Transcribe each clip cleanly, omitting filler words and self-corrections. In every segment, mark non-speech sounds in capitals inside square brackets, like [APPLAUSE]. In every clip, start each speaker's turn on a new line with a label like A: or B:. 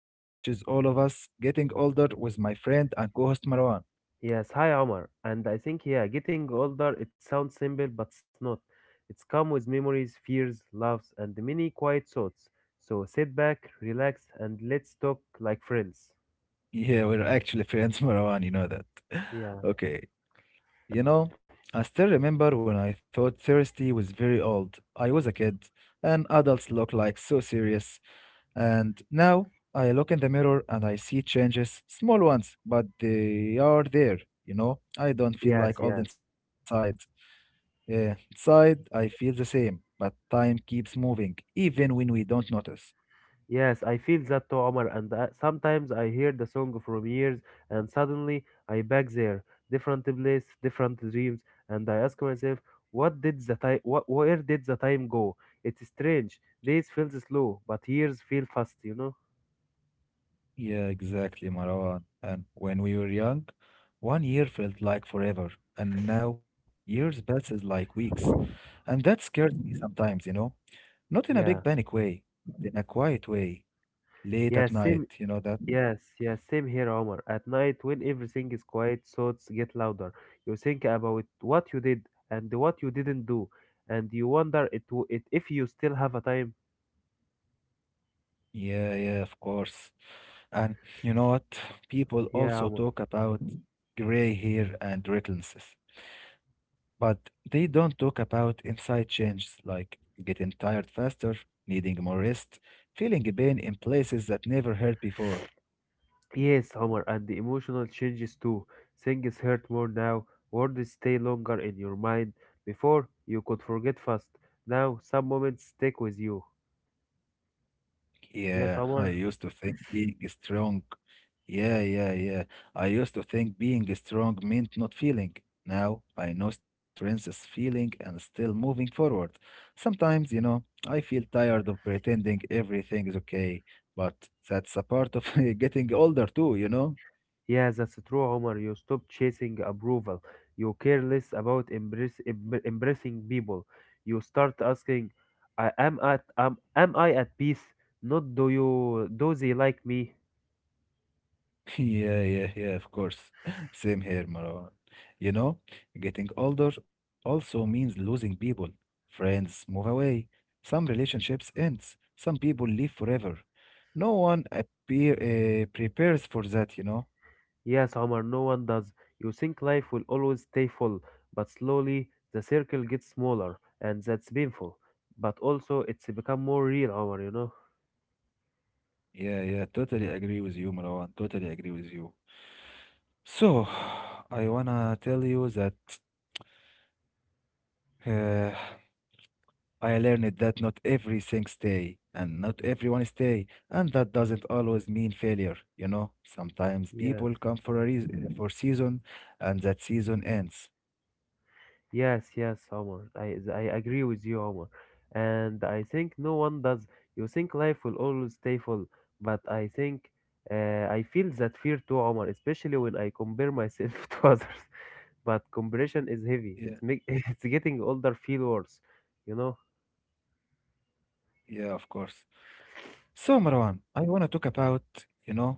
A: that touches all of us getting older with my friend and co host Marwan.
B: Yes, hi Omar. And I think, yeah, getting older, it sounds simple, but it's not. It's come with memories, fears, loves, and many quiet thoughts. So sit back, relax, and let's talk like friends.
A: Yeah, we're actually friends, [LAUGHS] Marwan, you know that. [LAUGHS]
B: Yeah,
A: Okay, I still remember when I thought thirsty was very old. I was a kid, and adults look like so serious. And now I look in the mirror and I see changes, small ones, but they are there, you know? I
B: yes,
A: don't feel
B: yes.
A: like old inside. Inside, I feel the same, but time keeps moving, even when we don't notice.
B: Yes, I feel that too, Omar. And sometimes I hear the song from years, and suddenly I back there, different place, different dreams, and I ask myself, what did the time? Where did the time go? It's strange. Days feels slow, but years feel fast. You know?
A: Yeah, exactly, Marwan. And when we were young, one year felt like forever, and now years passes like weeks. And that scares me sometimes, you know? Not in a
B: Yeah.
A: big panic way, but in a quiet way, late at
B: Yes.
A: night,
B: Same.
A: you know that?
B: Yes. Yes. Same here, Omar. At night, when everything is quiet, thoughts get louder. You think about what you did and what you didn't do, and you wonder it if you still have a time.
A: Yeah, yeah, of course. And you know what? People
B: Yeah,
A: also
B: Omar.
A: talk about gray hair and wrinkles, but they don't talk about inside changes like getting tired faster, needing more rest, feeling pain in places that never hurt before.
B: Yes, Homer, and the emotional changes too. Things hurt more now, words stay longer in your mind. Before, you could forget fast. Now, some moments stick with you. Yes,
A: Yeah, I
B: Homer.
A: used to think being strong. Yeah, yeah, yeah. I used to think being strong meant not feeling. Now I know strength is feeling and still moving forward. Sometimes, I feel tired of pretending everything is okay, but that's a part of [LAUGHS] getting older too, you know?
B: Yes, that's true, Homer. You stop chasing approval. You care less about embracing people. You start asking, I am at am I at peace? Not do they like me?
A: [LAUGHS] Yeah, yeah, yeah, of course. [LAUGHS] Same here, Marwan. You know, getting older also means losing people. Friends move away. Some relationships ends. Some people leave forever. No one prepares for that, you know?
B: Yes, Omar, no one does. You think life will always stay full, but slowly the circle gets smaller, and that's painful. But also, it's become more real, Omar, you know?
A: Yeah, yeah, totally agree with you, Marwan. Totally agree with you. So, [SIGHS] I wanna tell you that [SIGHS] uh, I learned that not everything stay and not everyone stay, and that doesn't always mean failure. You know, sometimes
B: Yes,
A: people come for a reason, for season, and that season ends.
B: yes, yes, Omar. I agree with you, Omar. And I think no one does. You think life will always stay full, but I feel that fear too, Omar, especially when I compare myself [LAUGHS] to others. But comparison is heavy.
A: Yeah,
B: It's make [LAUGHS] It's getting older feel worse, you know?
A: yeah, of course. So Marwan, I wanna talk about you know,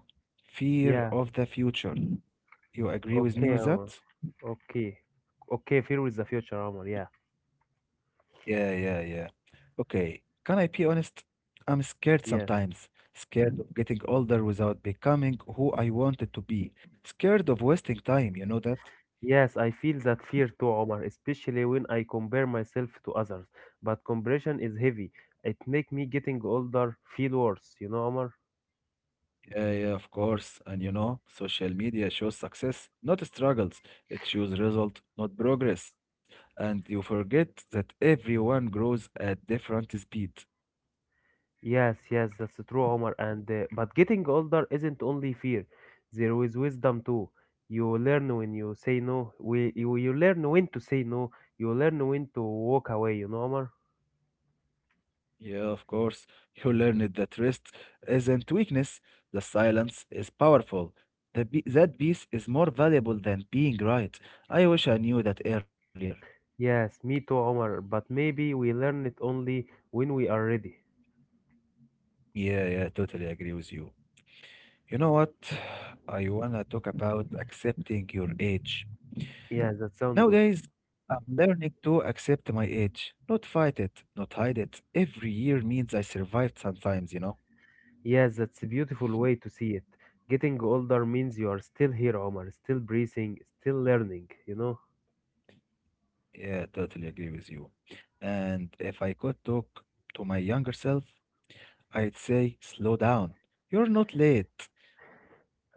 A: fear
B: Yeah.
A: of the future. You agree with me
B: Okay,
A: with that?
B: Omar. Okay, okay, fear with the future, Omar. Yeah,
A: Yeah, yeah, yeah. Okay. Can I be honest? I'm scared
B: yeah,
A: sometimes. Scared of getting older without becoming who I wanted to be. Scared of wasting time, you know that?
B: yes. I feel that fear too, Omar, especially when I compare myself to others. But comparison is heavy. It make me getting older feel worse. You know, Omar.
A: Yeah, yeah, of course. And social media shows success, not struggles. It shows result, not progress. And you forget that everyone grows at different speed.
B: Yes, yes, that's true, Omar. And but getting older isn't only fear. There is wisdom too. You learn when you say no. You learn when to say no. You learn when to walk away. You know, Omar.
A: Yeah, of course. You learned that rest isn't weakness. The silence is powerful. That peace is more valuable than being right. I wish I knew that earlier.
B: Yes, me too, Omar. But maybe we learn it only when we are ready.
A: Yeah, yeah, totally agree with you. You know what? [SIGHS] I wanna talk about accepting your age.
B: Yeah, that sounds good.
A: Nowadays, I'm learning to accept my age, not fight it, not hide it. Every year means I survived sometimes, you know?
B: Yes, that's a beautiful way to see it. Getting older means you are still here, Omar, still breathing, still learning, you know?
A: Yeah, totally agree with you. And if I could talk to my younger self, I'd say, slow down. You're not late. [LAUGHS]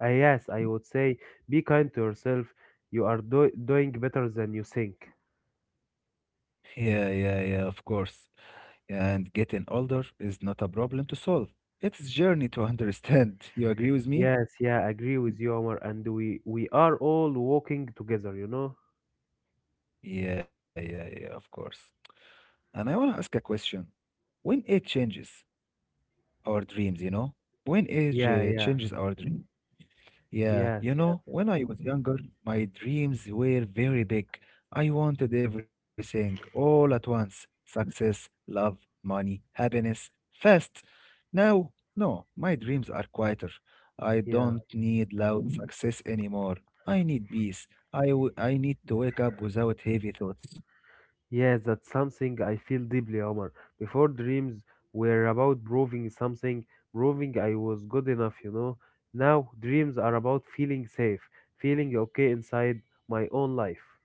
B: Ah, yes, I would say be kind to yourself. You are doing better than you think.
A: Yeah, yeah, yeah, of course. And getting older is not a problem to solve. It's a journey to understand. [LAUGHS] You agree with me?
B: Yes, yeah, I agree with you, Omar, and we are all walking together, you know?
A: Yeah, yeah, yeah, of course. And I want to ask a question. When age changes our dreams, you know? When age
B: Yeah, yeah.
A: changes our dreams? Yeah,
B: Yes, yeah.
A: when I was younger, my dreams were very big. I wanted everything all at once: success, love, money, happiness, fast. Now, no, my dreams are quieter. I
B: Yeah.
A: don't need loud success anymore. I need peace. I need to wake up without heavy thoughts.
B: Yes, that's something I feel deeply, Omar. Before dreams were about proving something, proving I was good enough, you know. Now dreams are about feeling safe, feeling okay inside my own life.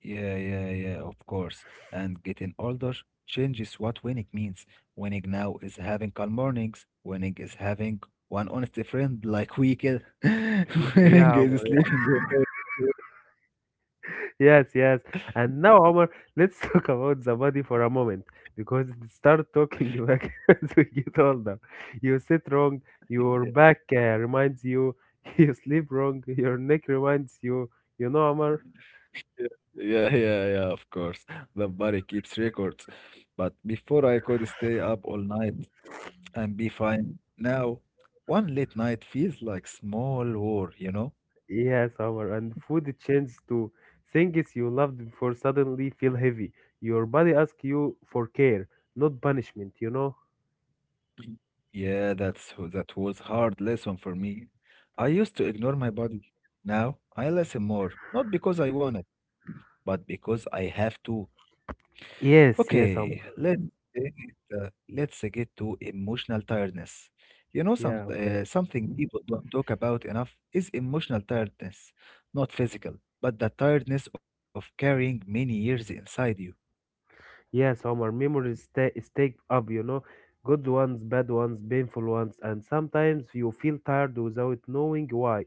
A: Yeah, yeah, yeah, of course. And getting older changes what winning means. Winning now is having calm mornings. Winning is having one honest friend like we can. [LAUGHS]
B: Y-
A: Winning
B: Yeah,
A: is
B: Omar.
A: sleeping good.
B: Yes, yes. And now, Omar, let's [LAUGHS] talk about the body for a moment because it start talking [LAUGHS] back as we get older. You sit wrong, your
A: [LAUGHS]
B: back reminds you, [LAUGHS] you sleep wrong, your neck reminds you. You know, Omar?
A: Yeah, yeah, yeah, yeah, of course. The body keeps records. But before I could stay up all night and be fine. Now, one late night feels like small war, you know?
B: Yes, Omar, and food changes to things you loved before suddenly feel heavy. Your body asks you for care, not punishment, you know?
A: Yeah, that was hard lesson for me. I used to ignore my body. Now I listen more, not because I want it, but because I have to.
B: Yes, yes,
A: Okay,
B: Omar.
A: let's take it, let's get to emotional tiredness. You know,
B: Yeah, okay.
A: something people don't talk about enough is emotional tiredness, not physical, but the tiredness of carrying many years inside you.
B: Yes, Omar, memories stay up, you know? Good ones, bad ones, painful ones, and sometimes you feel tired without knowing why.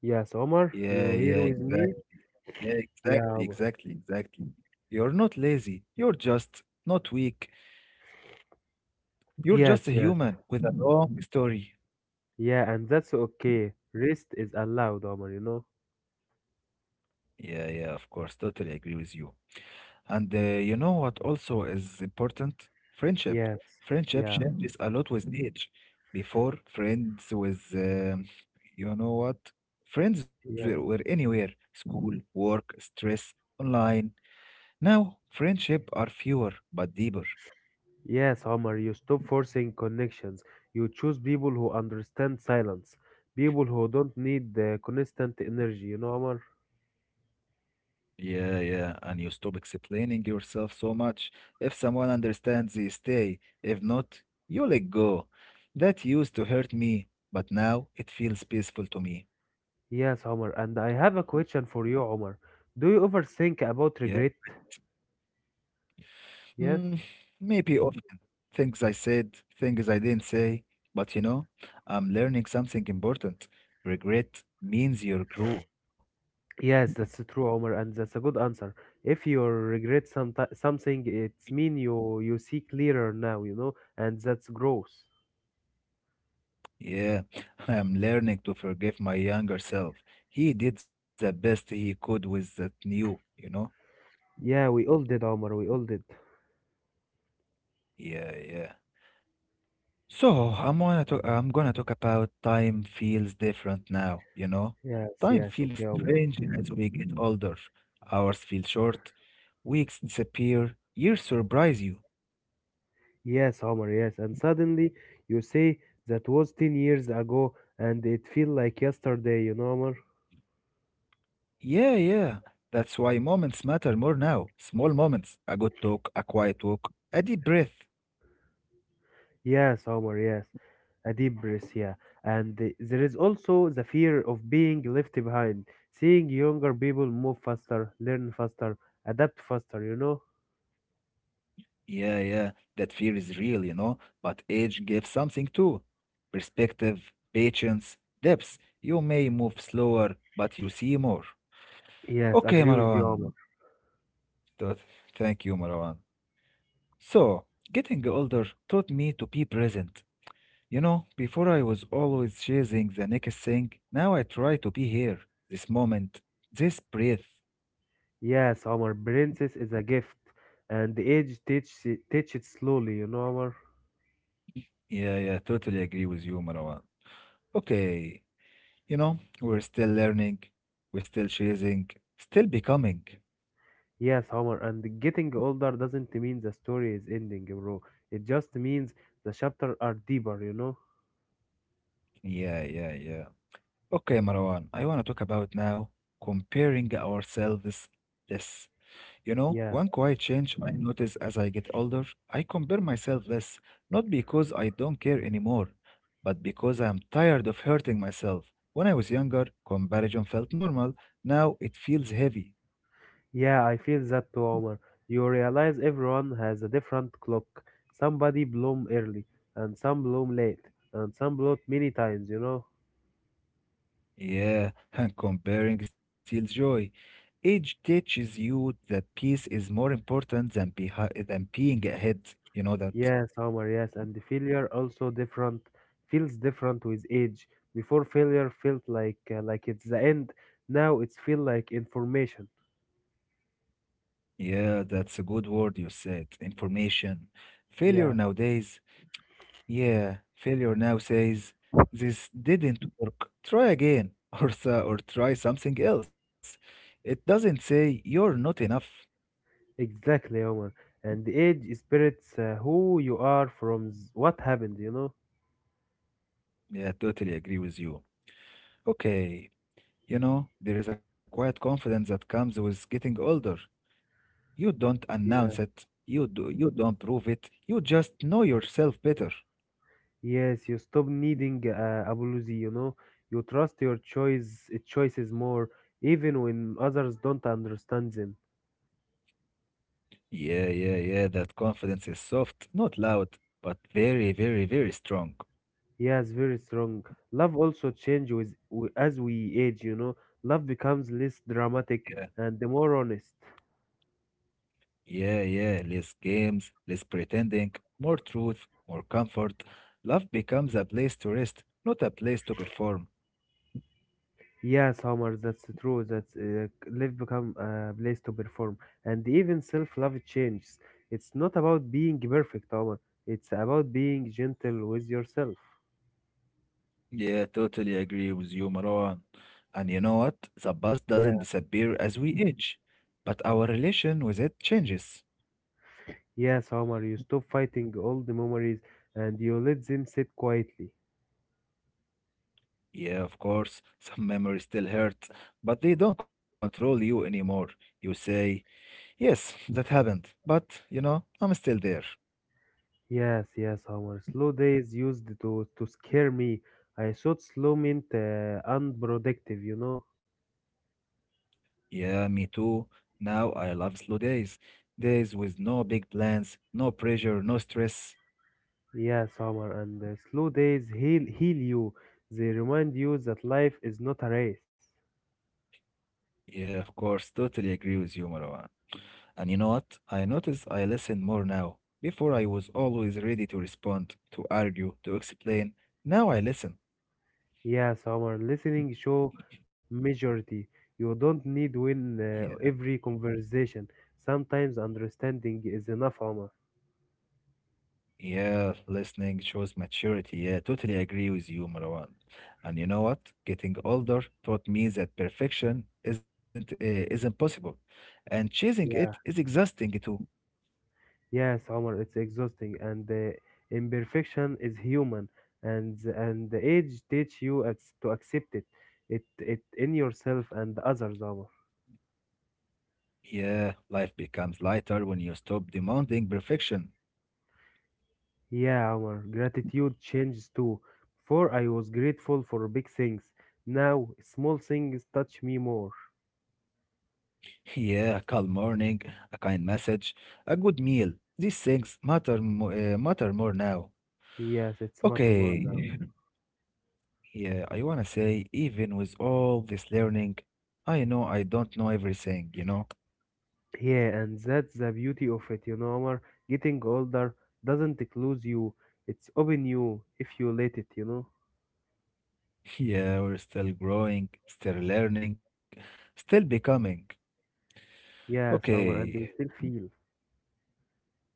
B: Yes, Omar,
A: Yeah,
B: you here
A: yeah,
B: with me?
A: exactly. Yeah,
B: Yeah,
A: exactly,
B: Omar.
A: exactly, exactly. You're not lazy. You're just not weak. You're just a
B: Yes, yes.
A: human with a long story.
B: Yeah, and that's okay. Rest is allowed, Omar, you know?
A: Yeah, yeah, of course. Totally agree with you. And you know what also is important? Friendship.
B: Yes,
A: Friendship
B: yeah,
A: changes a lot with age. Before, you know what? Friends were
B: yeah.
A: anywhere school, work, stress, online. Now, friendship are fewer but deeper.
B: Yes, Omar, you stop forcing connections. You choose people who understand silence, people who don't need the constant energy, you know, Omar?
A: Yeah, yeah, and you stop explaining yourself so much. If someone understands, they stay. If not, you let go. That used to hurt me, but now it feels peaceful to me.
B: Yes, Omar, and I have a question for you, Omar. Do you ever think
A: Yeah.
B: about regret?
A: Mm,
B: Yes?
A: Maybe often things I said, things I didn't say, but I'm learning something important. Regret means you grew.
B: Yes, that's true, Omar, and that's a good answer. If you regret something, it's mean you see clearer now, you know, and that's growth.
A: Yeah, [LAUGHS] I am learning to forgive my younger self. He did the best he could with that new, you know?
B: Yeah, we all did, Omar, we all did.
A: Yeah, yeah. So I'm going to talk. I am gonna talk about time feels different now, you know?
B: Yes,
A: Time
B: yes,
A: feels
B: okay, Omar.
A: strange as we get older. Hours feel short, weeks disappear, years surprise you.
B: Yes, Omar, yes. And suddenly you say that was 10 years ago and it feel like yesterday, you know, Omar?
A: Yeah, yeah. That's why moments matter more now. Small moments, a good talk, a quiet walk, a deep breath.
B: Yes, Omar, yes. A deep breath, yeah. And there is also the fear of being left behind, seeing younger people move faster, learn faster, adapt faster, you know?
A: Yeah, yeah. That fear is real, but age gives something too. Perspective, patience, depth. You may move slower, but you see more.
B: Yes,
A: Okay,
B: agree with you, Omar.
A: Marwan. Th- Thank you, Marwan. So, getting older taught me to be present. You know, before I was always chasing the next thing, now I try to be here, this moment, this breath.
B: Yes, Omar, princess is a gift and age teach it slowly, you know, Omar?
A: Yeah, yeah, totally agree with you, Marwan. Okay, we're still learning, we're still chasing, still becoming.
B: Yes, Homer, and getting older doesn't mean the story is ending, bro. It just means the chapters are deeper, you know?
A: Yeah, yeah, yeah. Okay, Marwan, I want to talk about now comparing ourselves. Yes,
B: Yeah,
A: one quiet change I notice as I get older, I compare myself less, not because I don't care anymore, but because I am tired of hurting myself. When I was younger, comparison felt normal, now it feels heavy.
B: yeah, I feel that too, Homer. You realize everyone has a different clock. Somebody bloom early, and some bloom late, and some bloom many times, you know?
A: Yeah, [LAUGHS] and comparing steals joy. Age teaches you that peace is more important than, than being ahead. You know
B: Yes,
A: that?
B: Homer, yes, and the failure also different, feels different with age. Before failure felt like it's the end, now it's feel like information.
A: Yeah, that's a good word you said. Information. Failure
B: Yeah.
A: nowadays Yeah, failure now says, this didn't work. Try again, [LAUGHS] or try something else. It doesn't say you're not enough.
B: Exactly, Omar. And the age spirits who you are from what happened, you know?
A: Yeah, totally agree with you. Okay, there is a quiet confidence that comes with getting older. You don't announce
B: Yeah.
A: it, you do, you don't prove it, you just know yourself better.
B: Yes, you stop needing apology, you know? You trust your choices more, even when others don't understand them.
A: Yeah, yeah, yeah, that confidence is soft, not loud, but very, very, very strong.
B: Yes, very strong. Love also changes with, w as we age, you know? Love becomes less
A: Yeah.
B: dramatic and more honest.
A: Yeah, yeah, less games, less pretending, more truth, more comfort. Love becomes a place to rest, not a place to perform.
B: Yes, Homer, that's true. That Like, life become a place to perform, and even self-love changes. It's not about being perfect, Homer. It's about being gentle with yourself.
A: Yeah, totally agree with you, Marwan. And you know what? The past
B: Yeah,
A: doesn't disappear as we age, but our relation with it changes.
B: yes, Homer, you stop fighting old memories and you let them sit quietly.
A: Yeah, of course, [LAUGHS] some memories still hurt, but they don't control you anymore. You say, yes, that happened. But, I'm still there.
B: Yes, yes, Homer. Slow days used to scare me. I thought slow meant unproductive, you know.
A: Yeah, me too. Now I love slow days. Days with no big plans, no pressure, no stress.
B: Yes, Homer, and slow days heal you. They remind you that life is not a race.
A: Yeah, of course. Totally agree with you, Marwan. And you know what? I notice I listen more now. Before I was always ready to respond, to argue, to explain. Now I listen.
B: Yes, our listening show majority. You don't need win
A: Yeah.
B: every conversation. Sometimes understanding is enough, Omar.
A: Yeah, listening shows maturity. Yeah, totally agree with you, Marwan. And you know what? Getting older taught me that perfection isn't possible, and chasing it is
B: Yeah.
A: exhausting too.
B: Yes, Omar, it's exhausting and imperfection is human and the age teach you to accept it. It in yourself and others, Omar.
A: Yeah, life becomes lighter when you stop demanding perfection.
B: Yeah, Omar, gratitude changes too. Before I was grateful for big things. Now small things touch me more.
A: [LAUGHS] Yeah, a calm morning, a kind message, a good meal. These things matter more now.
B: Yes, it's matter more.
A: Okay. Yeah, I wanna say, even with all this learning, I know I don't know everything, you know?
B: Yeah, and that's the beauty of it, you know, Omar. Getting older doesn't close you, it's open you if you let it, you know.
A: Yeah, we're still growing, still learning, still becoming.
B: Yes, Omar, and
A: Okay,
B: you still feel.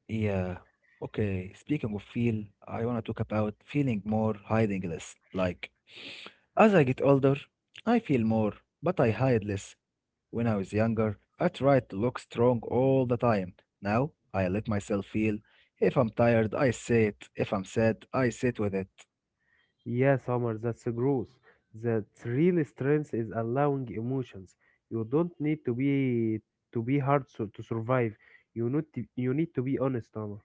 A: yeah. Okay, speaking of feel, I want to talk about feeling more, hiding less. Like, as I get older, I feel more, but I hide less. When I was younger, I tried to look strong all the time. Now, I let myself feel. If I'm tired, I say it. If I'm sad, I sit with it.
B: Yes, Omar, that's a growth. That real strength is allowing emotions. You don't need to be hard so, to survive. You need to be honest, Omar.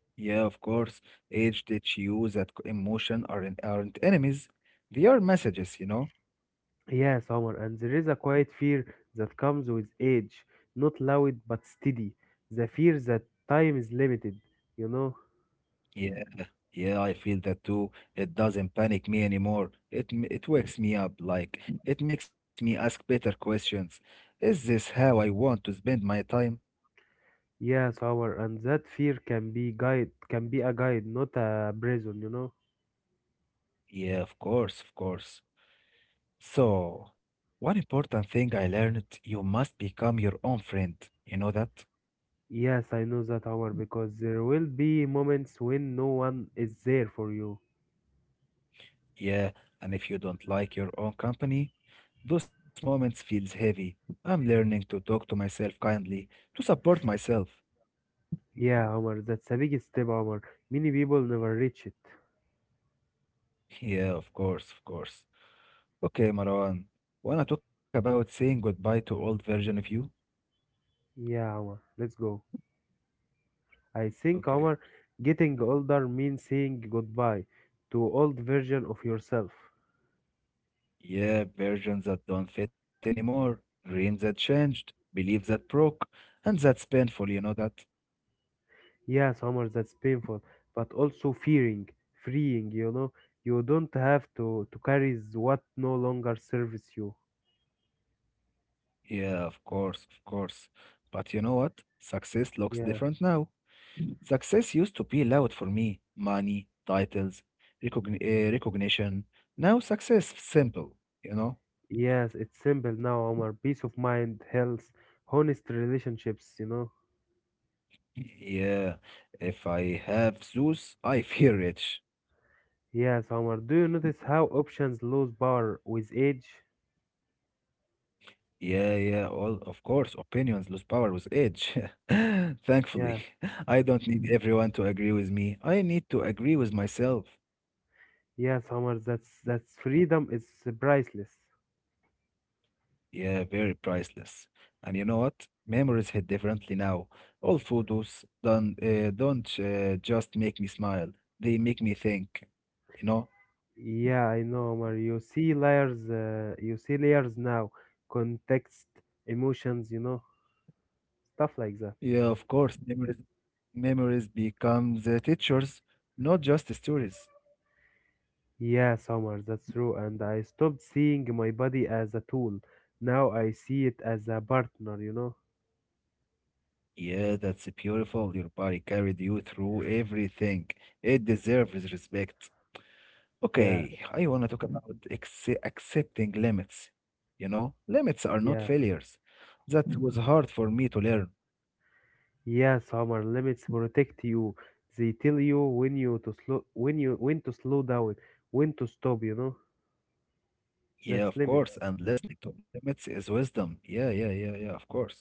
A: Yeah, of course. Age teach you that emotion aren't enemies. They are messages, you know?
B: Yes, Omar, and there is a quiet fear that comes with age, not loud but steady. The fear that time is limited, you know.
A: Yeah, yeah, I feel that too. It doesn't panic me anymore. It wakes me up, like it makes me ask better questions. Is this how I want to spend my time?
B: Yes, our and that fear can be a guide, not a prison, you know.
A: Yeah, of course, of course. So, one important thing I learned, you must become your own friend. You know that?
B: Yes, I know that, Omar, because there will be moments when no one is there for you.
A: Yeah, and if you don't like your own company, those moments feels heavy. I'm learning to talk to myself kindly, to support myself.
B: Yeah, Omar, that's a big step, Omar. Many people never reach it.
A: [LAUGHS] Yeah, of course, of course. Okay, Marwan. Wanna talk about saying goodbye to old version of you?
B: Yeah, Omar, let's go. I think,
A: Okay.
B: Omar, getting older means saying goodbye to old version of yourself.
A: Yeah, versions that don't fit anymore, dreams that changed, beliefs that broke, and that's painful, you know that?
B: Yes, Omar, that's painful, but also freeing, you know. You don't have to carry what no longer serves you.
A: Yeah, of course, of course. But you know what? Success looks different
B: Yeah.
A: now. Success used to be loud for me money, titles, recognition. Now success is simple, you know?
B: Yes, it's simple now, Omar. Peace of mind, health, honest relationships, you know.
A: Yeah, if I have Zeus, I [LAUGHS] feel rich.
B: Yes, Omar. Do you notice how options lose power with age?
A: Yeah, yeah, all of course, opinions lose power with age. [LAUGHS] Thankfully,
B: Yeah.
A: [LAUGHS] I don't need everyone to agree with me. I need to agree with myself.
B: Yes, Omar, that's freedom is priceless.
A: Yeah, very priceless. And you know what? Memories hit differently now. All photos don't just make me smile. They make me think. You know?
B: Yeah, I know, Omar. You see layers now, context, emotions, you know, stuff like that.
A: Yeah, of course. Memories becomes teachers, not just stories.
B: Yeah, Summer. That's true. And I stopped seeing my body as a tool. Now I see it as a partner, you know?
A: Yeah, that's beautiful. Your body carried you through everything. It deserves respect.
B: Yes,
A: Okay, I want to talk about accepting limits. You know, limits are not
B: yeah.
A: failures. That was hard for me to learn.
B: Yeah, Summer, limits protect you. They tell you when to slow down, when to stop, you know? That's
A: Yeah, of
B: limits.
A: course. And listening to limits is wisdom. Yeah, yeah, yeah, yeah, of course.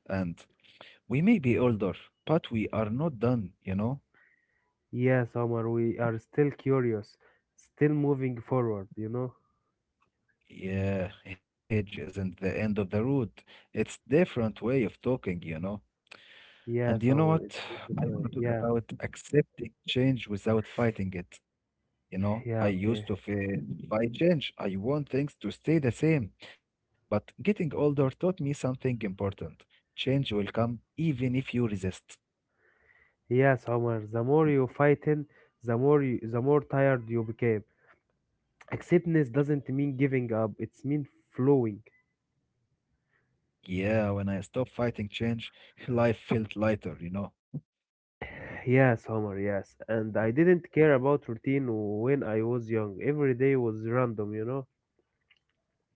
A: And we may be older, but we are not done, you know?
B: Yeah, Summer, we are still curious, still moving forward, you know?
A: Yeah, hedge isn't the end of the road. It's different way of talking, you know?
B: Yeah,
A: And you know
B: Summer, it's
A: what? I
B: different
A: want
B: way.
A: to talk
B: Yeah,
A: about accepting change without fighting it. You know,
B: yeah,
A: I used
B: okay.
A: to feel if I change, I want things to stay the same. But getting older taught me something important. Change will come even if you resist.
B: Yeah, Summer, the more you fighting, the more tired you became. Acceptance doesn't mean giving up, it's mean flowing.
A: Yeah, when I stopped fighting change, [LAUGHS] life felt lighter, you know.
B: Yes, Homer, yes. And I didn't care about routine when I was young. Every day was random, you know?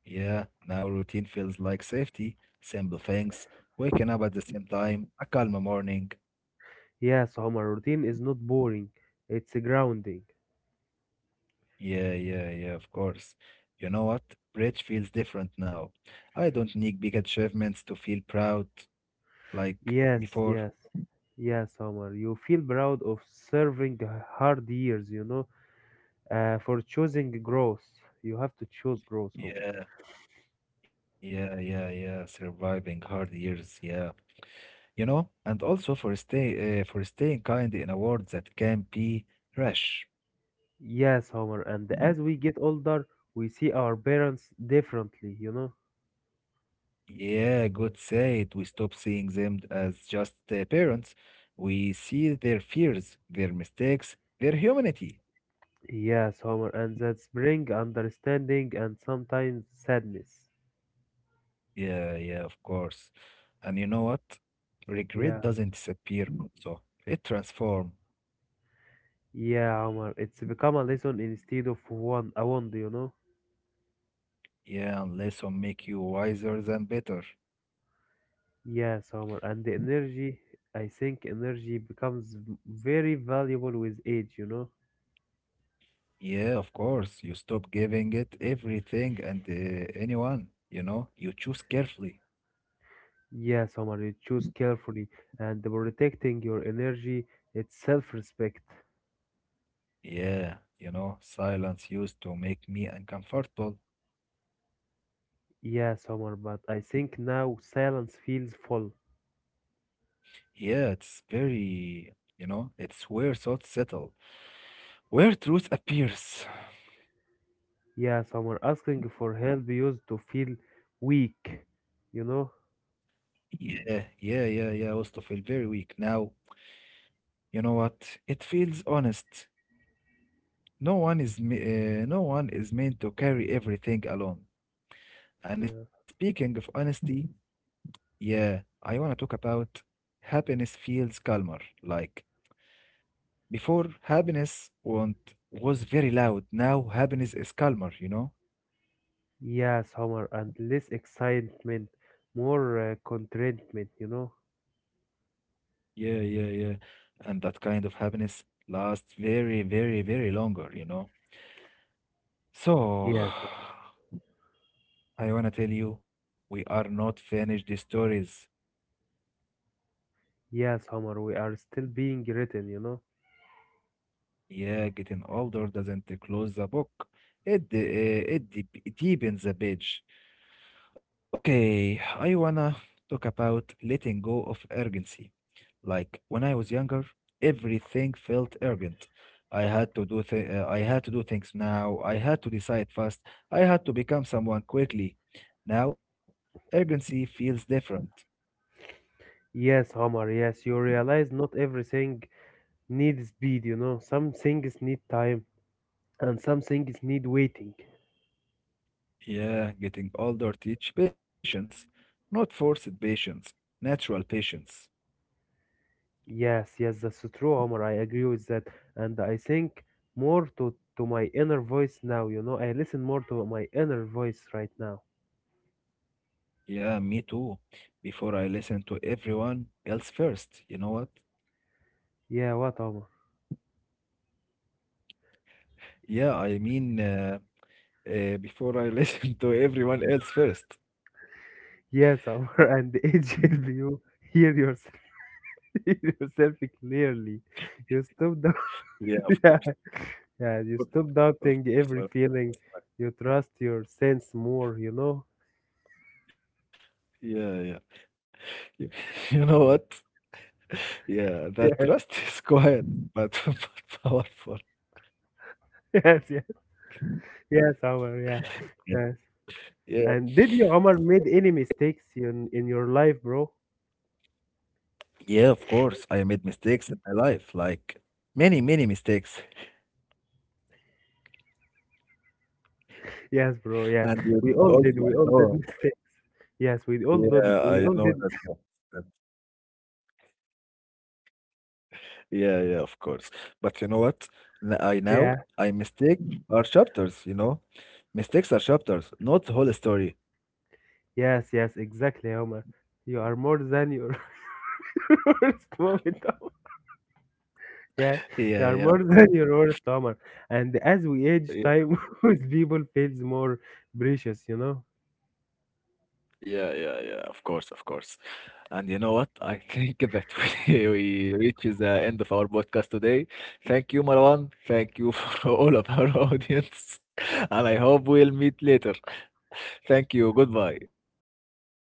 A: Yeah, now routine feels like safety, simple things, waking up at the same time, a calm morning.
B: Yes, Homer, routine is not boring, it's grounding.
A: Yeah, yeah, yeah, of course. You know what? Bridge feels different now. I don't need big achievements to feel proud like
B: Yes,
A: before.
B: yes. Yes, Homer, you feel proud of serving hard years, you know, for choosing growth. You have to choose growth, Homer.
A: Yeah, yeah, yeah, yeah. Surviving hard years, yeah. You know, and also for staying kind in a world that can be rash.
B: Yes, Homer, and as we get older, we see our parents differently, you know.
A: Yeah, good said we stop seeing them as just parents. We see their fears, their mistakes, their humanity.
B: Yes, Homer, and that's bring understanding and sometimes sadness.
A: Yeah, yeah, of course. And you know what? Regret
B: Yeah,
A: doesn't disappear, so it transforms.
B: yeah, Homer. It's become a lesson instead of one a wand, you know?
A: Yeah, and lesson make you wiser than better.
B: Yes, Homer, and the energy. I think energy becomes very valuable with age, you know?
A: Yeah, of course. You stop giving it everything and anyone, you choose carefully.
B: Yes, Homer, you choose carefully and protecting your energy. It's self-respect.
A: Yeah, you know, silence used to make me uncomfortable.
B: Yes, Homer, but I think now silence feels full.
A: Yeah, it's very, you know, it's where thoughts settle, where truth appears.
B: Yes, Homer, asking for help used to feel weak, you know?
A: Yeah, yeah, yeah, yeah. I used feel very weak. Now, you know what? It feels honest. No one is, me- no one is meant to carry everything alone. And
B: Yeah.
A: speaking of honesty, yeah, I wanna talk about happiness feels calmer. Like before, was very loud. Now happiness is calmer, you know?
B: Yes, Omar, and less excitement, more contentment, you know?
A: Yeah, yeah, yeah. And that kind of happiness lasts very, very, very longer, you know? So,
B: Yes.
A: [SIGHS] I wanna tell you, we are not finished the stories.
B: Yes, Omar, we are still being written, you know?
A: Yeah, getting older doesn't close the book. It deepens the page. Okay, I wanna talk about letting go of urgency. Like when I was younger, everything felt urgent. I had to do things now. I had to decide fast. I had to become someone quickly. Now, urgency feels different.
B: Yes, Omar, yes, you realize not everything needs speed, you know? Some things need time. And some things need waiting.
A: Yeah, getting older teach patience, not forced patience, natural patience.
B: Yes, yes, that's true, Omar. I agree with that. And I think more to my inner voice now, you know, I listen more to my inner voice right now.
A: Yeah, me too. Before I listened to everyone else first, you know what?
B: Yeah, what, Omar?
A: Yeah, I mean. Uh, Before I [LAUGHS] listen to everyone else first.
B: Yes, Omar, [LAUGHS] and age help you hear yourself, [LAUGHS] hear yourself clearly. You stop doubting,
A: Yeah, of
B: [LAUGHS] yeah, yeah, you
A: course.
B: stop
A: Of
B: doubting
A: course.
B: every feeling. You trust your sense more, you know? [LAUGHS]
A: Yeah, yeah. You, [LAUGHS] you know what? Yeah, that
B: Yes,
A: trust [LAUGHS] is quiet, but, [LAUGHS] but powerful.
B: yes, yes, yes, Omar, yeah,
A: Yeah.
B: yes.
A: Yeah.
B: And did you, Omar, made any mistakes in your life, bro?
A: Yeah, of course. I made mistakes in my life, like many, many mistakes.
B: Yes, bro. Yes,
A: And you
B: we
A: did
B: all did.
A: also, I
B: We all did [LAUGHS]
A: know.
B: mistakes. Yes, we all
A: Yeah,
B: did.
A: I know
B: We all
A: that you
B: did.
A: understand. Yeah, yeah, of course. But you know what? N- I now
B: Yeah.
A: I mistake are chapters, you know. Mistakes are chapters, not the whole story.
B: Yes. Yes. Exactly, Omar. You are more than your [LAUGHS] worst moment, Omar. Yeah,
A: Yeah,
B: you
A: yeah,
B: are
A: of
B: more [LAUGHS]
A: course.
B: than your worst, Omar. And as we age,
A: Yeah,
B: time [LAUGHS] with people feels more precious. You know.
A: yeah, yeah, yeah, of course, of course. And you know what? I think that [LAUGHS] we reaches the end of our podcast today. Thank you, Marwan. Thank you for [LAUGHS] all of our audience. [LAUGHS] And I hope we'll meet later. [LAUGHS] Thank you. Goodbye.
B: Yeah,